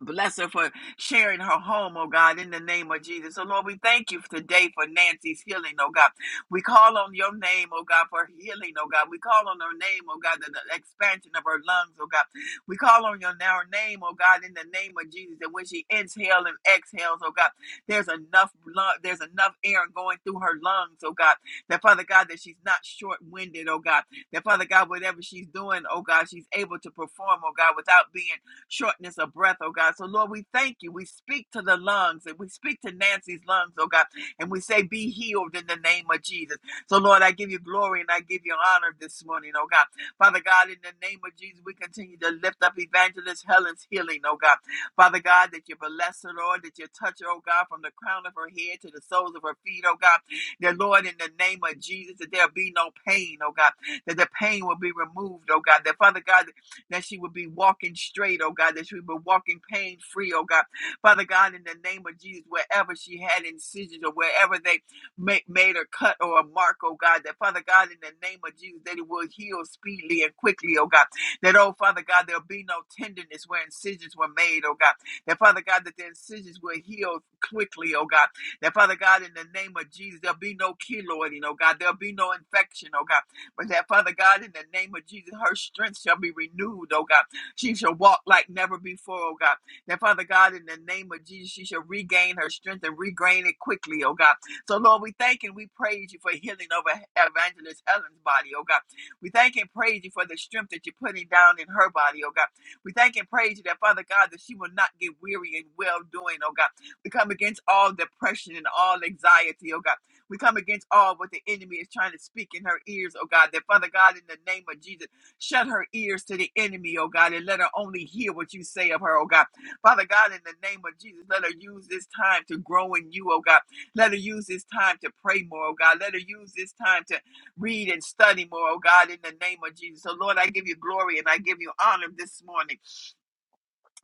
[SPEAKER 3] Bless her for sharing her home, oh God, in the name of Jesus. So, Lord, we thank you today for Nancy's healing, oh God. We call on your name, oh God, for healing, oh God. We call on her name, oh God, the, the expansion of her lungs, oh God. We call on your now name, oh God, in the name of Jesus. And when she inhales and exhales, oh God, there's enough lung, there's enough air going through her lungs, oh God. That Father God, that she's not short-winded, oh God. That Father God, whatever she's doing, oh God, she's able to perform, oh God, without being shortness of breath, oh God. So, Lord, we thank you. We speak to the lungs and we speak to Nancy's lungs, oh God, and we say, Be healed in the name of Jesus. So, Lord, I give you glory and I give you honor this morning, oh God. Father God, in the name of Jesus, we continue to lift up evangelist Helen's healing, oh God. Father God, that you bless her, Lord, that you touch her, oh God, from the crown of her head to the soles of her feet, oh God. That, Lord, in the name of Jesus, that there'll be no pain, oh God, that the pain will be removed, oh God. That, Father God, that she would be walking straight, oh God, that she would be walking pain free, oh God. Father God, in the name of Jesus, wherever she had incisions or wherever they ma- made a cut or a mark, oh God, that Father God, in the name of Jesus, that it will heal speedily and quickly, oh God. That, oh Father God, there'll be no tenderness where incisions were made, oh God. That Father God, that the incisions will heal quickly, oh God. That Father God, in the name of Jesus, there'll be no keloiding, oh God. There'll be no infection, oh God. But that, Father God, in the name of Jesus, her strength shall be renewed, oh God. She shall walk like never before, oh God. That, Father God, in the name of Jesus, she shall regain her strength and regain it quickly, oh God. So, Lord, we thank and we praise you for healing over E-, Evangelist Helen's body, oh God. We thank and praise you for the strength that you're putting down in her body, oh God. We thank and praise you that, Father God, that she will not get weary in well doing, oh God. We come against all depression and all anxiety, oh God. We come against all what the enemy is trying to speak in her ears, oh God. That Father God, in the name of Jesus, shut her ears to the enemy, oh God, and let her only hear what you say of her, oh God. Father God, in the name of Jesus, let her use this time to grow in you, oh God. Let her use this time to pray more, oh God. Let her use this time to read and study more, oh God, in the name of Jesus. So, Lord, I give you glory and I give you honor this morning.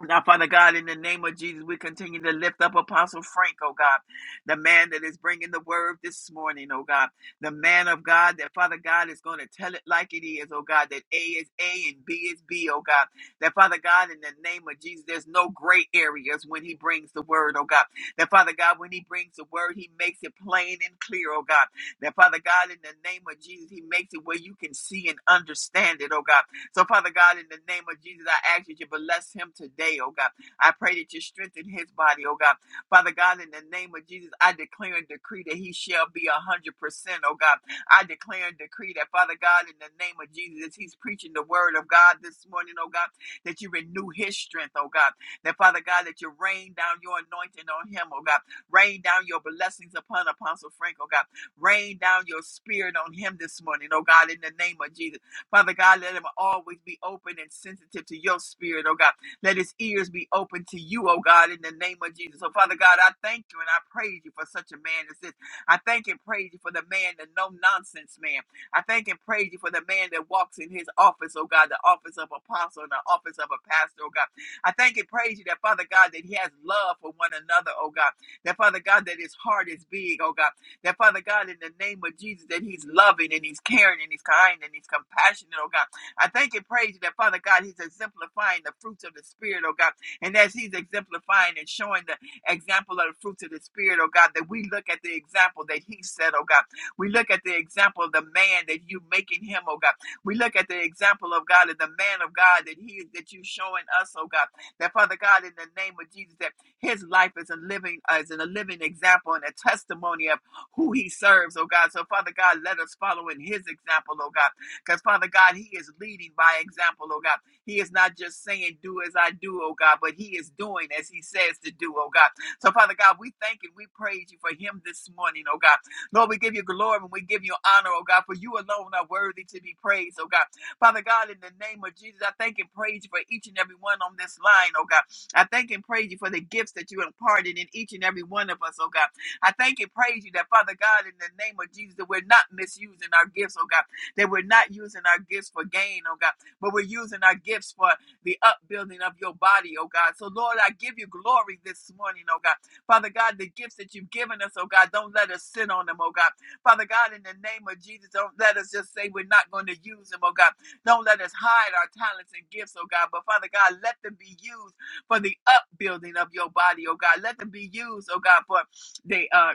[SPEAKER 3] Now, Father God, in the name of Jesus, we continue to lift up Apostle Frank, oh God, the man that is bringing the word this morning, oh God, the man of God that, Father God, is going to tell it like it is, oh God, that A is A and B is B, oh God, that, Father God, in the name of Jesus, there's no gray areas when he brings the word, oh God, that, Father God, when he brings the word, he makes it plain and clear, oh God, that, Father God, in the name of Jesus, he makes it where you can see and understand it, oh God. So, Father God, in the name of Jesus, I ask that you bless him today, oh God. I pray that you strengthen his body, oh God. Father God, in the name of Jesus, I declare and decree that he shall be a hundred percent, oh God. I declare and decree that, Father God, in the name of Jesus, as he's preaching the word of God this morning, oh God, that you renew his strength, oh God. That, Father God, that you rain down your anointing on him, oh God. Rain down your blessings upon Apostle Frank, oh God. Rain down your spirit on him this morning, oh God, in the name of Jesus. Father God, let him always be open and sensitive to your spirit, oh God. Let his ears be open to you, oh God, in the name of Jesus. So, Father God, I thank you and I praise you for such a man as this. I thank and praise you for the man, the no nonsense man. I thank and praise you for the man that walks in his office, oh God, the office of apostle and the office of a pastor, oh God. I thank and praise you that, Father God, that he has love for one another, oh God. That, Father God, that his heart is big, oh God. That Father God, in the name of Jesus, that He's loving and He's caring and He's kind and He's compassionate, oh God. I thank and praise you that Father God, He's exemplifying the fruits of the Spirit, oh God. And as He's exemplifying and showing the example of the fruits of the Spirit, oh God, that we look at the example that He set, oh God. We look at the example of the man that you making him, oh God. We look at the example of God and the man of God that He is that you showing us, oh God. That Father God, in the name of Jesus, that His life is a living, uh, is a living example and a testimony of who he serves, oh God. So, Father God, let us follow in his example, oh God. Because, Father God, he is leading by example, oh God. He is not just saying, do as I do, oh God, but he is doing as he says to do, oh God. So, Father God, we thank and we praise you for him this morning, oh God. Lord, we give you glory and we give you honor, oh God, for you alone are worthy to be praised, oh God. Father God, in the name of Jesus, I thank and praise you for each and every one on this line, oh God. I thank and praise you for the gifts that you imparted in each and every one of us, oh God. I thank and praise you that, Father God, in the name of Jesus, that we're not misusing our gifts, oh God, that we're not using our gifts for gain, oh God, but we're using our gifts for the upbuilding of your body, oh God. So, Lord, I give you glory this morning, oh God. Father God, the gifts that you've given us, oh God, don't let us sit on them, oh God. Father God, in the name of Jesus, don't let us just say we're not going to use them, oh God. Don't let us hide our talents and gifts, oh God. But Father God, let them be used for the upbuilding of your body, oh God. Let them be used, oh God, for they uh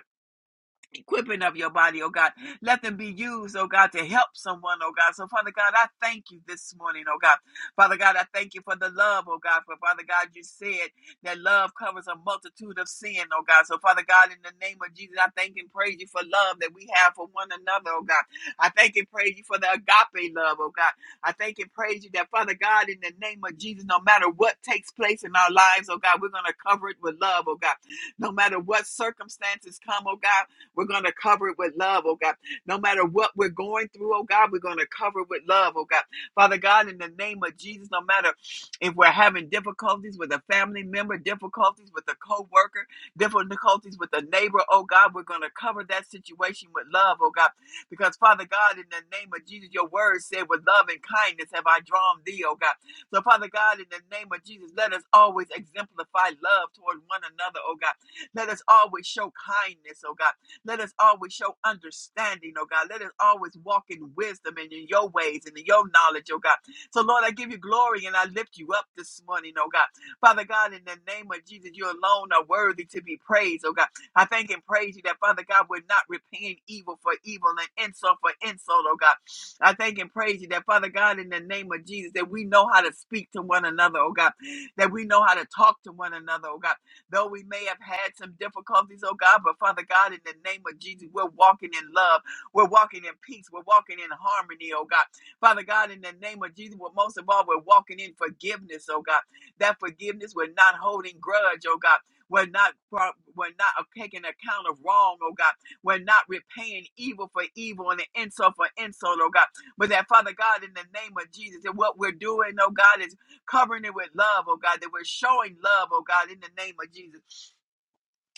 [SPEAKER 3] equipping of your body, oh God. Let them be used, oh God, to help someone, oh God. So, Father God, I thank you this morning, oh God. Father God, I thank you for the love, oh God. For Father God, you said that love covers a multitude of sin, oh God. So, Father God, in the name of Jesus, I thank and praise you for love that we have for one another, oh God. I thank and praise you for the agape love, oh God. I thank and praise you that, Father God, in the name of Jesus, no matter what takes place in our lives, oh God, we're going to cover it with love, oh God. No matter what circumstances come, oh God. We're going to cover it with love, oh God. No matter what we're going through, oh God, we're going to cover it with love, oh God. Father God, in the name of Jesus, no matter if we're having difficulties with a family member, difficulties with a co worker, difficulties with a neighbor, oh God, we're going to cover that situation with love, oh God. Because, Father God, in the name of Jesus, your word said, with love and kindness have I drawn thee, oh God. So, Father God, in the name of Jesus, let us always exemplify love toward one another, oh God. Let us always show kindness, oh God. Let us always show understanding, oh God. Let us always walk in wisdom and in your ways and in your knowledge, oh God. So, Lord, I give you glory and I lift you up this morning, oh God. Father God, in the name of Jesus, you alone are worthy to be praised, oh God. I thank and praise you that, Father God, we're not repaying evil for evil and insult for insult, oh God. I thank and praise you that, Father God, in the name of Jesus, that we know how to speak to one another, oh God. That we know how to talk to one another, oh God though we may have had some difficulties, oh God, but Father God, in the name of Jesus, we're walking in love. We're walking in peace. We're walking in harmony, oh God. Father God, in the name of Jesus, but most of all, we're walking in forgiveness, oh God. That forgiveness, we're not holding grudge, oh God. We're not we're not uh, taking account of wrong, oh God. We're not repaying evil for evil and insult for insult, oh God. But that Father God, in the name of Jesus, and what we're doing, oh God, is covering it with love, oh God, that we're showing love, oh God, in the name of Jesus.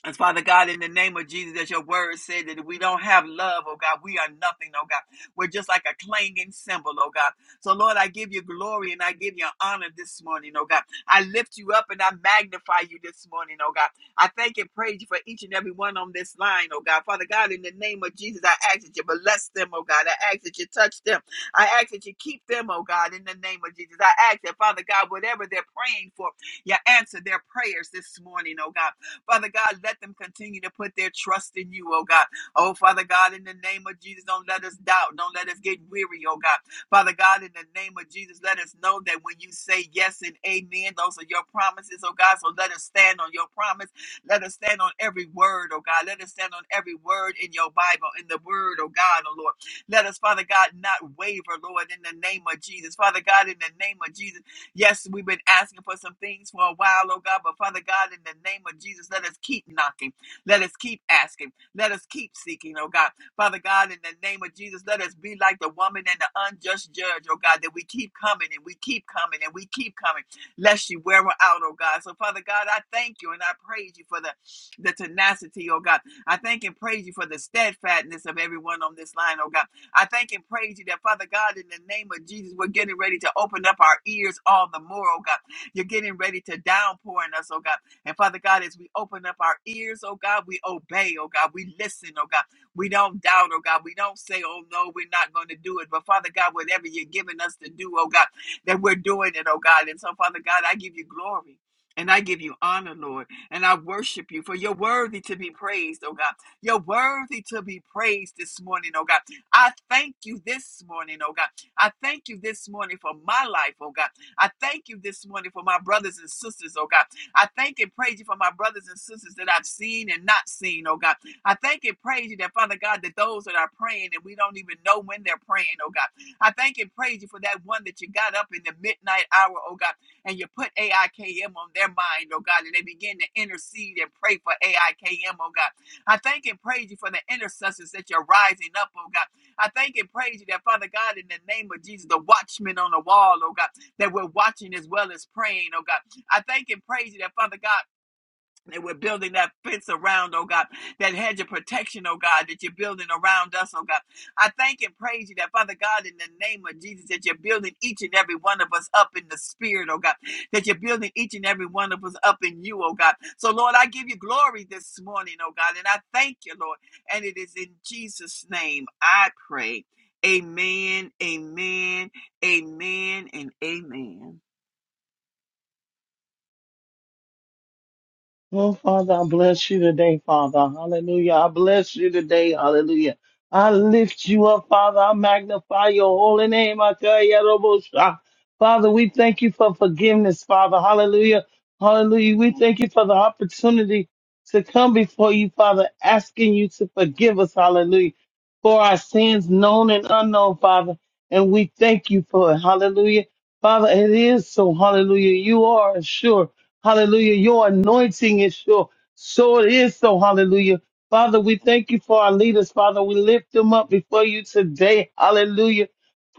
[SPEAKER 3] And Father God, in the name of Jesus, as your word said that if we don't have love, oh God, we are nothing, oh God. We're just like a clanging cymbal, oh God. So, Lord, I give you glory and I give you honor this morning, oh God. I lift you up and I magnify you this morning, oh God. I thank and praise you for each and every one on this line, oh God. Father God, in the name of Jesus, I ask that you bless them, oh God. I ask that you touch them. I ask that you keep them, oh God, in the name of Jesus. I ask that, Father God, whatever they're praying for, you answer their prayers this morning, oh God. Father God, let them continue to put their trust in you, oh God. Oh, Father God, in the name of Jesus, don't let us doubt. Don't let us get weary, oh God. Father God, in the name of Jesus, let us know that when you say yes and amen, those are your promises, oh God. So let us stand on your promise. Let us stand on every word, oh God. Let us stand on every word in your Bible, in the word, oh God, oh Lord. Let us, Father God, not waver, Lord, in the name of Jesus. Father God, in the name of Jesus. Yes, we've been asking for some things for a while, oh God, but Father God, in the name of Jesus, let us keep knocking. Let us keep asking. Let us keep seeking, oh God. Father God, in the name of Jesus, let us be like the woman and the unjust judge, oh God, that we keep coming and we keep coming and we keep coming, lest you wear her out, oh God. So, Father God, I thank you and I praise you for the, the tenacity, oh God. I thank and praise you for the steadfastness of everyone on this line, oh God. I thank and praise you that, Father God, in the name of Jesus, we're getting ready to open up our ears all the more, oh God. You're getting ready to downpour in us, oh God. And Father God, as we open up our ears, oh God, we obey, oh God. We listen, oh God. We don't doubt, oh God. We don't say, oh no, we're not going to do it. But Father God, whatever you're giving us to do, oh God, that we're doing it, oh God. And so, Father God, I give you glory. And I give you honor, Lord, and I worship you, for you're worthy to be praised, oh God. You're worthy to be praised this morning, oh God. I thank you this morning, oh God. I thank you this morning for my life, oh God. I thank you this morning for my brothers and sisters, oh God. I thank and praise you for my brothers and sisters that I've seen and not seen, oh God. I thank and praise you that, Father God, that those that are praying and we don't even know when they're praying, oh God. I thank and praise you for that one that you got up in the midnight hour, oh God, and you put AIKM on their mind, oh God, and they begin to intercede and pray for AIKM, oh God. I thank and praise you for the intercessors that you're rising up, oh God. I thank and praise you that, Father God, in the name of Jesus, the watchmen on the wall, oh God, that we're watching as well as praying, oh God. I thank and praise you that, Father God. And we're building that fence around, oh God, that hedge of protection, oh God, that you're building around us, oh God. I thank and praise you that, Father God, in the name of Jesus, that you're building each and every one of us up in the spirit, oh God, that you're building each and every one of us up in you, oh God. So, Lord, I give you glory this morning, oh God, and I thank you, Lord. And it is in Jesus' name I pray. Amen, amen, amen, and amen.
[SPEAKER 4] Oh, Father, I bless you today, Father. Hallelujah. I bless you today. Hallelujah. I lift you up, Father. I magnify your holy name. I tell you, Robosha. Father, we thank you for forgiveness, Father. Hallelujah. Hallelujah. We thank you for the opportunity to come before you, Father, asking you to forgive us. Hallelujah. For our sins, known and unknown, Father. And we thank you for it. Hallelujah. Father, it is so. Hallelujah. You are sure. Hallelujah. Your anointing is sure. So it is so. Hallelujah. Father, we thank you for our leaders. Father, we lift them up before you today. Hallelujah.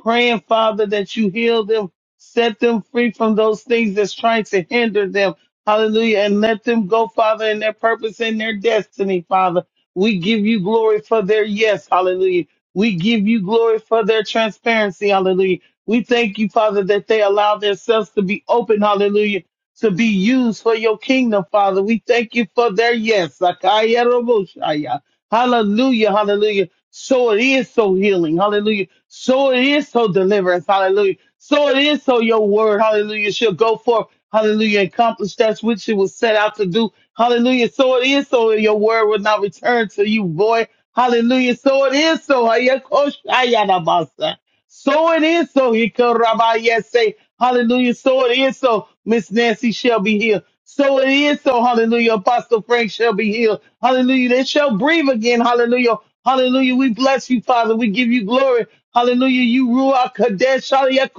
[SPEAKER 4] Praying, Father, that you heal them, set them free from those things that's trying to hinder them. Hallelujah. And let them go, Father, in their purpose and their destiny, Father. We give you glory for their yes. Hallelujah. We give you glory for their transparency. Hallelujah. We thank you, Father, that they allow themselves to be open. Hallelujah to be used for your kingdom, Father. We thank you for their yes. Sakaya Roboshaya. Hallelujah, hallelujah. So it is so healing, hallelujah. So it is so deliverance, hallelujah. So it is so your word, hallelujah, shall go forth, hallelujah, accomplish that which it was set out to do, hallelujah. So it is so your word will not return to you, boy, hallelujah. So it is so. Hayakoshaya Nabasa. So it is so. He could Rabbi yes say, Hallelujah. So it is so. Miss Nancy shall be healed. So it is so. Hallelujah. Apostle Frank shall be healed. Hallelujah. They shall breathe again. Hallelujah. Hallelujah. We bless you, Father. We give you glory. Hallelujah. You rule our Kadesh. Hallelujah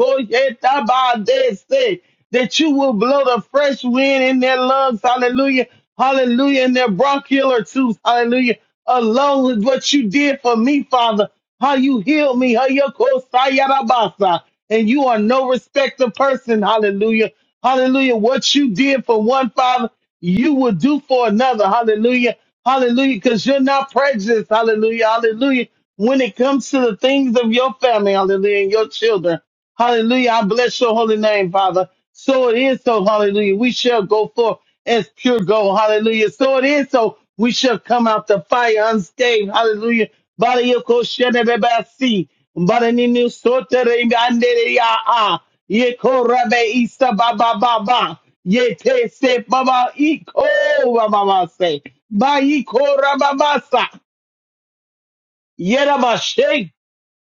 [SPEAKER 4] that you will blow the fresh wind in their lungs. Hallelujah. Hallelujah. In their bronchial tubes. Hallelujah. Along with what you did for me, Father. How you healed me. How you called Sayarabasa. And you are no respecter person. Hallelujah. Hallelujah. What you did for one father, you will do for another. Hallelujah. Hallelujah. Because you're not prejudiced. Hallelujah. Hallelujah. When it comes to the things of your family, hallelujah, and your children. Hallelujah. I bless your holy name, Father. So it is so. Hallelujah. We shall go forth as pure gold. Hallelujah. So it is so. We shall come out the fire unscathed. Hallelujah. Bada yoko shene beba si. Bada ninu sote re ande ya a. Ye ko rabe isa ba ba ba ba. Ye te se ba ba i ba ba ba se. Ba i ra ba ba sa.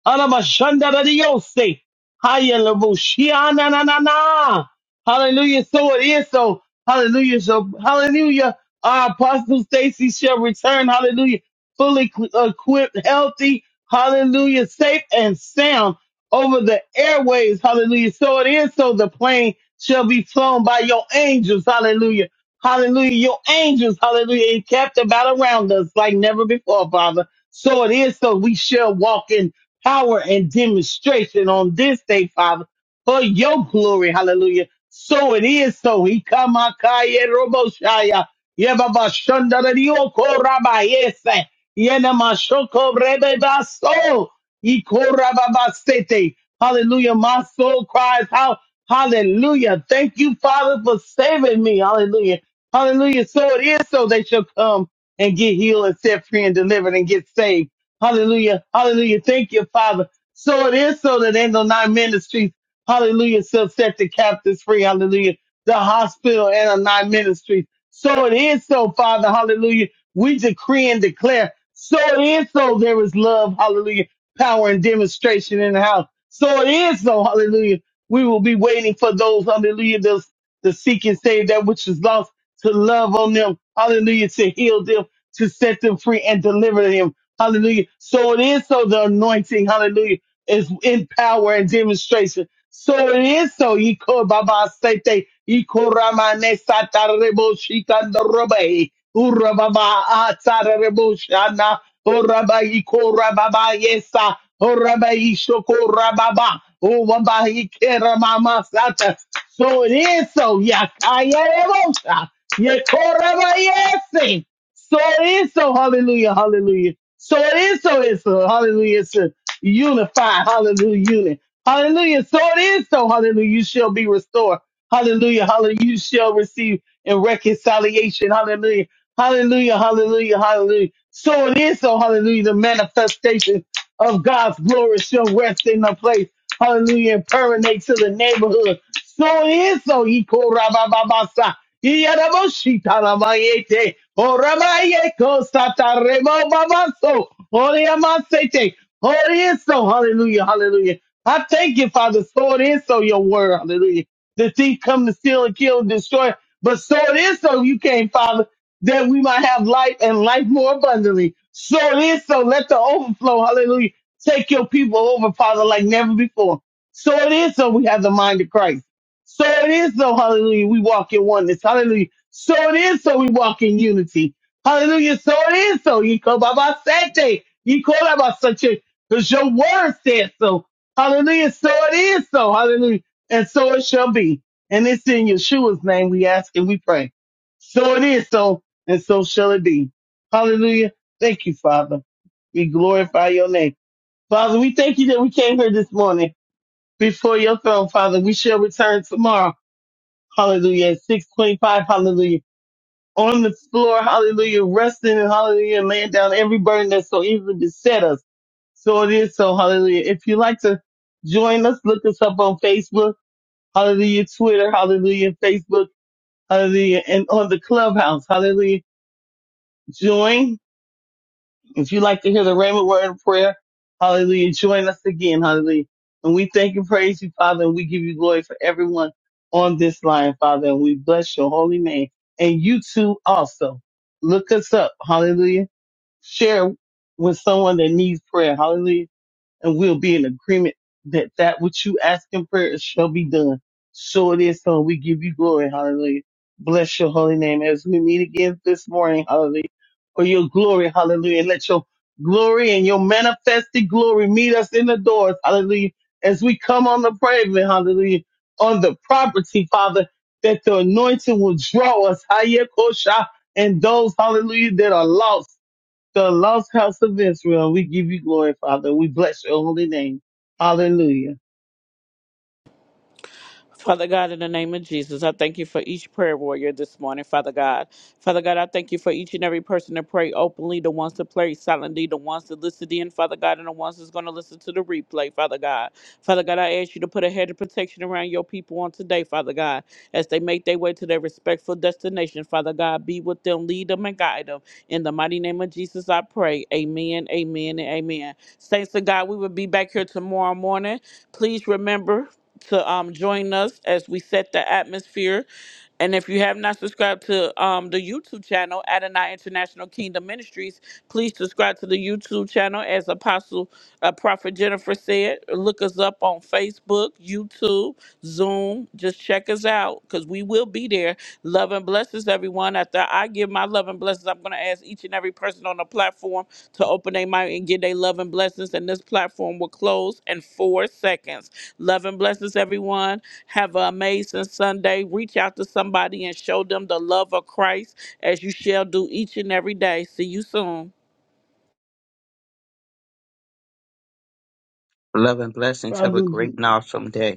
[SPEAKER 4] Arabashandaradiose. Hayalabushiananana. Hallelujah. So it is. So hallelujah. So hallelujah. Our apostle Stacy shall return. Hallelujah. Fully equ- equipped, healthy. Hallelujah. Safe and sound over the airways. Hallelujah. So it is. So the plane shall be flown by your angels. Hallelujah. Hallelujah. Your angels. Hallelujah. And kept about around us like never before, Father. So it is. So we shall walk in power and demonstration on this day, Father, for your glory. Hallelujah. So it is so. He come akaye robo shaya. Yeba ba shonda da dio ko raba yese. Yena ma shoko rebe ba so. Iko raba ba ba sete. Hallelujah. My soul cries out. Hallelujah. Thank you, Father, for saving me. Hallelujah. Hallelujah. So it is so they shall come and get healed and set free and delivered and get saved. Hallelujah. Hallelujah. Thank you, Father. So it is so that in the nine ministries, hallelujah, shall set the captives free. Hallelujah. The hospital and the nine ministries. So it is so, Father. Hallelujah. We decree and declare. So it is so there is love. Hallelujah. Power and demonstration in the house. So it is so. Hallelujah. We will be waiting for those. Hallelujah. Those the seek and save that which is lost to love on them. Hallelujah. To heal them, to set them free and deliver them. Hallelujah. So it is so the anointing, hallelujah, is in power and demonstration. So it is so you could Baba Sete, you could Ramane Satarebo Shikandorobe, Urababa Atarebo Shana, Uraba Ikora Baba Yesa, Uraba Ishoko Rababa, Uraba Ikera Mama Sata. So it is so Yakaya Rebosa, Yakora Yesi. So it is so hallelujah, hallelujah. So it is so it's so hallelujah. It's a unified hallelujah unit. Hallelujah. So it is so hallelujah. You shall be restored. Hallelujah. Hallelujah. You shall receive in reconciliation. Hallelujah. Hallelujah. Hallelujah. Hallelujah. So it is so hallelujah. The manifestation of God's glory shall rest in the place. Hallelujah. And permeate to the neighborhood. So it is so. He called Yaraboshitaramayete, Oramayeko Sataremo Babaso, Oriamasete, Orieso, hallelujah, hallelujah. I thank you, Father, so it is so your word, hallelujah. The thief come to steal and kill and destroy, but so it is so you came, Father, that we might have life and life more abundantly. So it is so, let the overflow, hallelujah, take your people over, Father, like never before. So it is so we have the mind of Christ. So it is so, hallelujah, we walk in oneness. Hallelujah. So it is so we walk in unity. Hallelujah. So it is so. You call Baba Sete. You call Baba Sete. Because your word said so. Hallelujah. So it is so. Hallelujah. And so it shall be. And it's in Yeshua's name we ask and we pray. So it is so. And so shall it be. Hallelujah. Thank you, Father. We glorify your name. Father, we thank you that we came here this morning before your throne, Father. We shall return tomorrow. Hallelujah. At 625. Hallelujah. On the floor. Hallelujah. Resting and hallelujah. Laying down every burden that so easily beset us. So it is so. Hallelujah. If you like to join us, look us up on Facebook. Hallelujah. Twitter. Hallelujah. Facebook. Hallelujah. And on the clubhouse. Hallelujah. Join. If you like to hear the Raymond word of prayer, hallelujah, join us again, hallelujah. And we thank and praise you, Father, and we give you glory for everyone on this line, Father, and we bless your holy name. And you too also. Look us up, hallelujah. Share with someone that needs prayer, hallelujah and we'll be in agreement that that which you ask in prayer shall be done. So it is so. We give you glory. Hallelujah. Bless your holy name as we meet again this morning. Hallelujah. For your glory. Hallelujah. And let your glory and your manifested glory meet us in the doors. Hallelujah. As we come on the pavement. Hallelujah. On the property, Father, that the anointing will draw us. Hayekosha. And those, hallelujah, that are lost the lost house of Israel. We give you glory, Father. We bless your holy name. Hallelujah.
[SPEAKER 1] Father God, in the name of Jesus, I thank you for each prayer warrior this morning, Father God. Father God, I thank you for each and every person that pray openly, the ones that pray silently, the ones that listened in, Father God, and the ones that's going to listen to the replay, Father God. Father God, I ask you to put a head of protection around your people on today, Father God, as they make their way to their respectful destination, Father God. Be with them, lead them, and guide them. In the mighty name of Jesus, I pray. Amen, amen, and amen. Saints of God, we will be back here tomorrow morning. Please remember to um, join us as we set the atmosphere and if you have not subscribed to um, the YouTube channel, Adonai International Kingdom Ministries, please subscribe to the YouTube channel. As Apostle uh, Prophet Jennifer said, look us up on Facebook, YouTube, Zoom. Just check us out because we will be there. Love and blessings, everyone. After I give my love and blessings, I'm going to ask each and every person on the platform to open their mic and give their love and blessings. And this platform will close in four seconds. Love and blessings, everyone. Have an amazing Sunday. Reach out to somebody and show them the love of Christ as you shall do each and every day. See you soon.
[SPEAKER 2] Love and blessings. Have a
[SPEAKER 4] Father,
[SPEAKER 2] great and awesome day.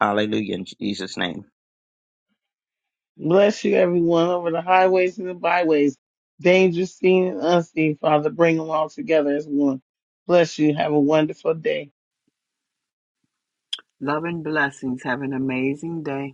[SPEAKER 2] Hallelujah in Jesus' name.
[SPEAKER 4] bless you, everyone, over the highways and the byways, dangerous, seen and unseen, Father. Bring them all together as one. Bless you. Have a wonderful day.
[SPEAKER 3] Love and blessings. Have an amazing day.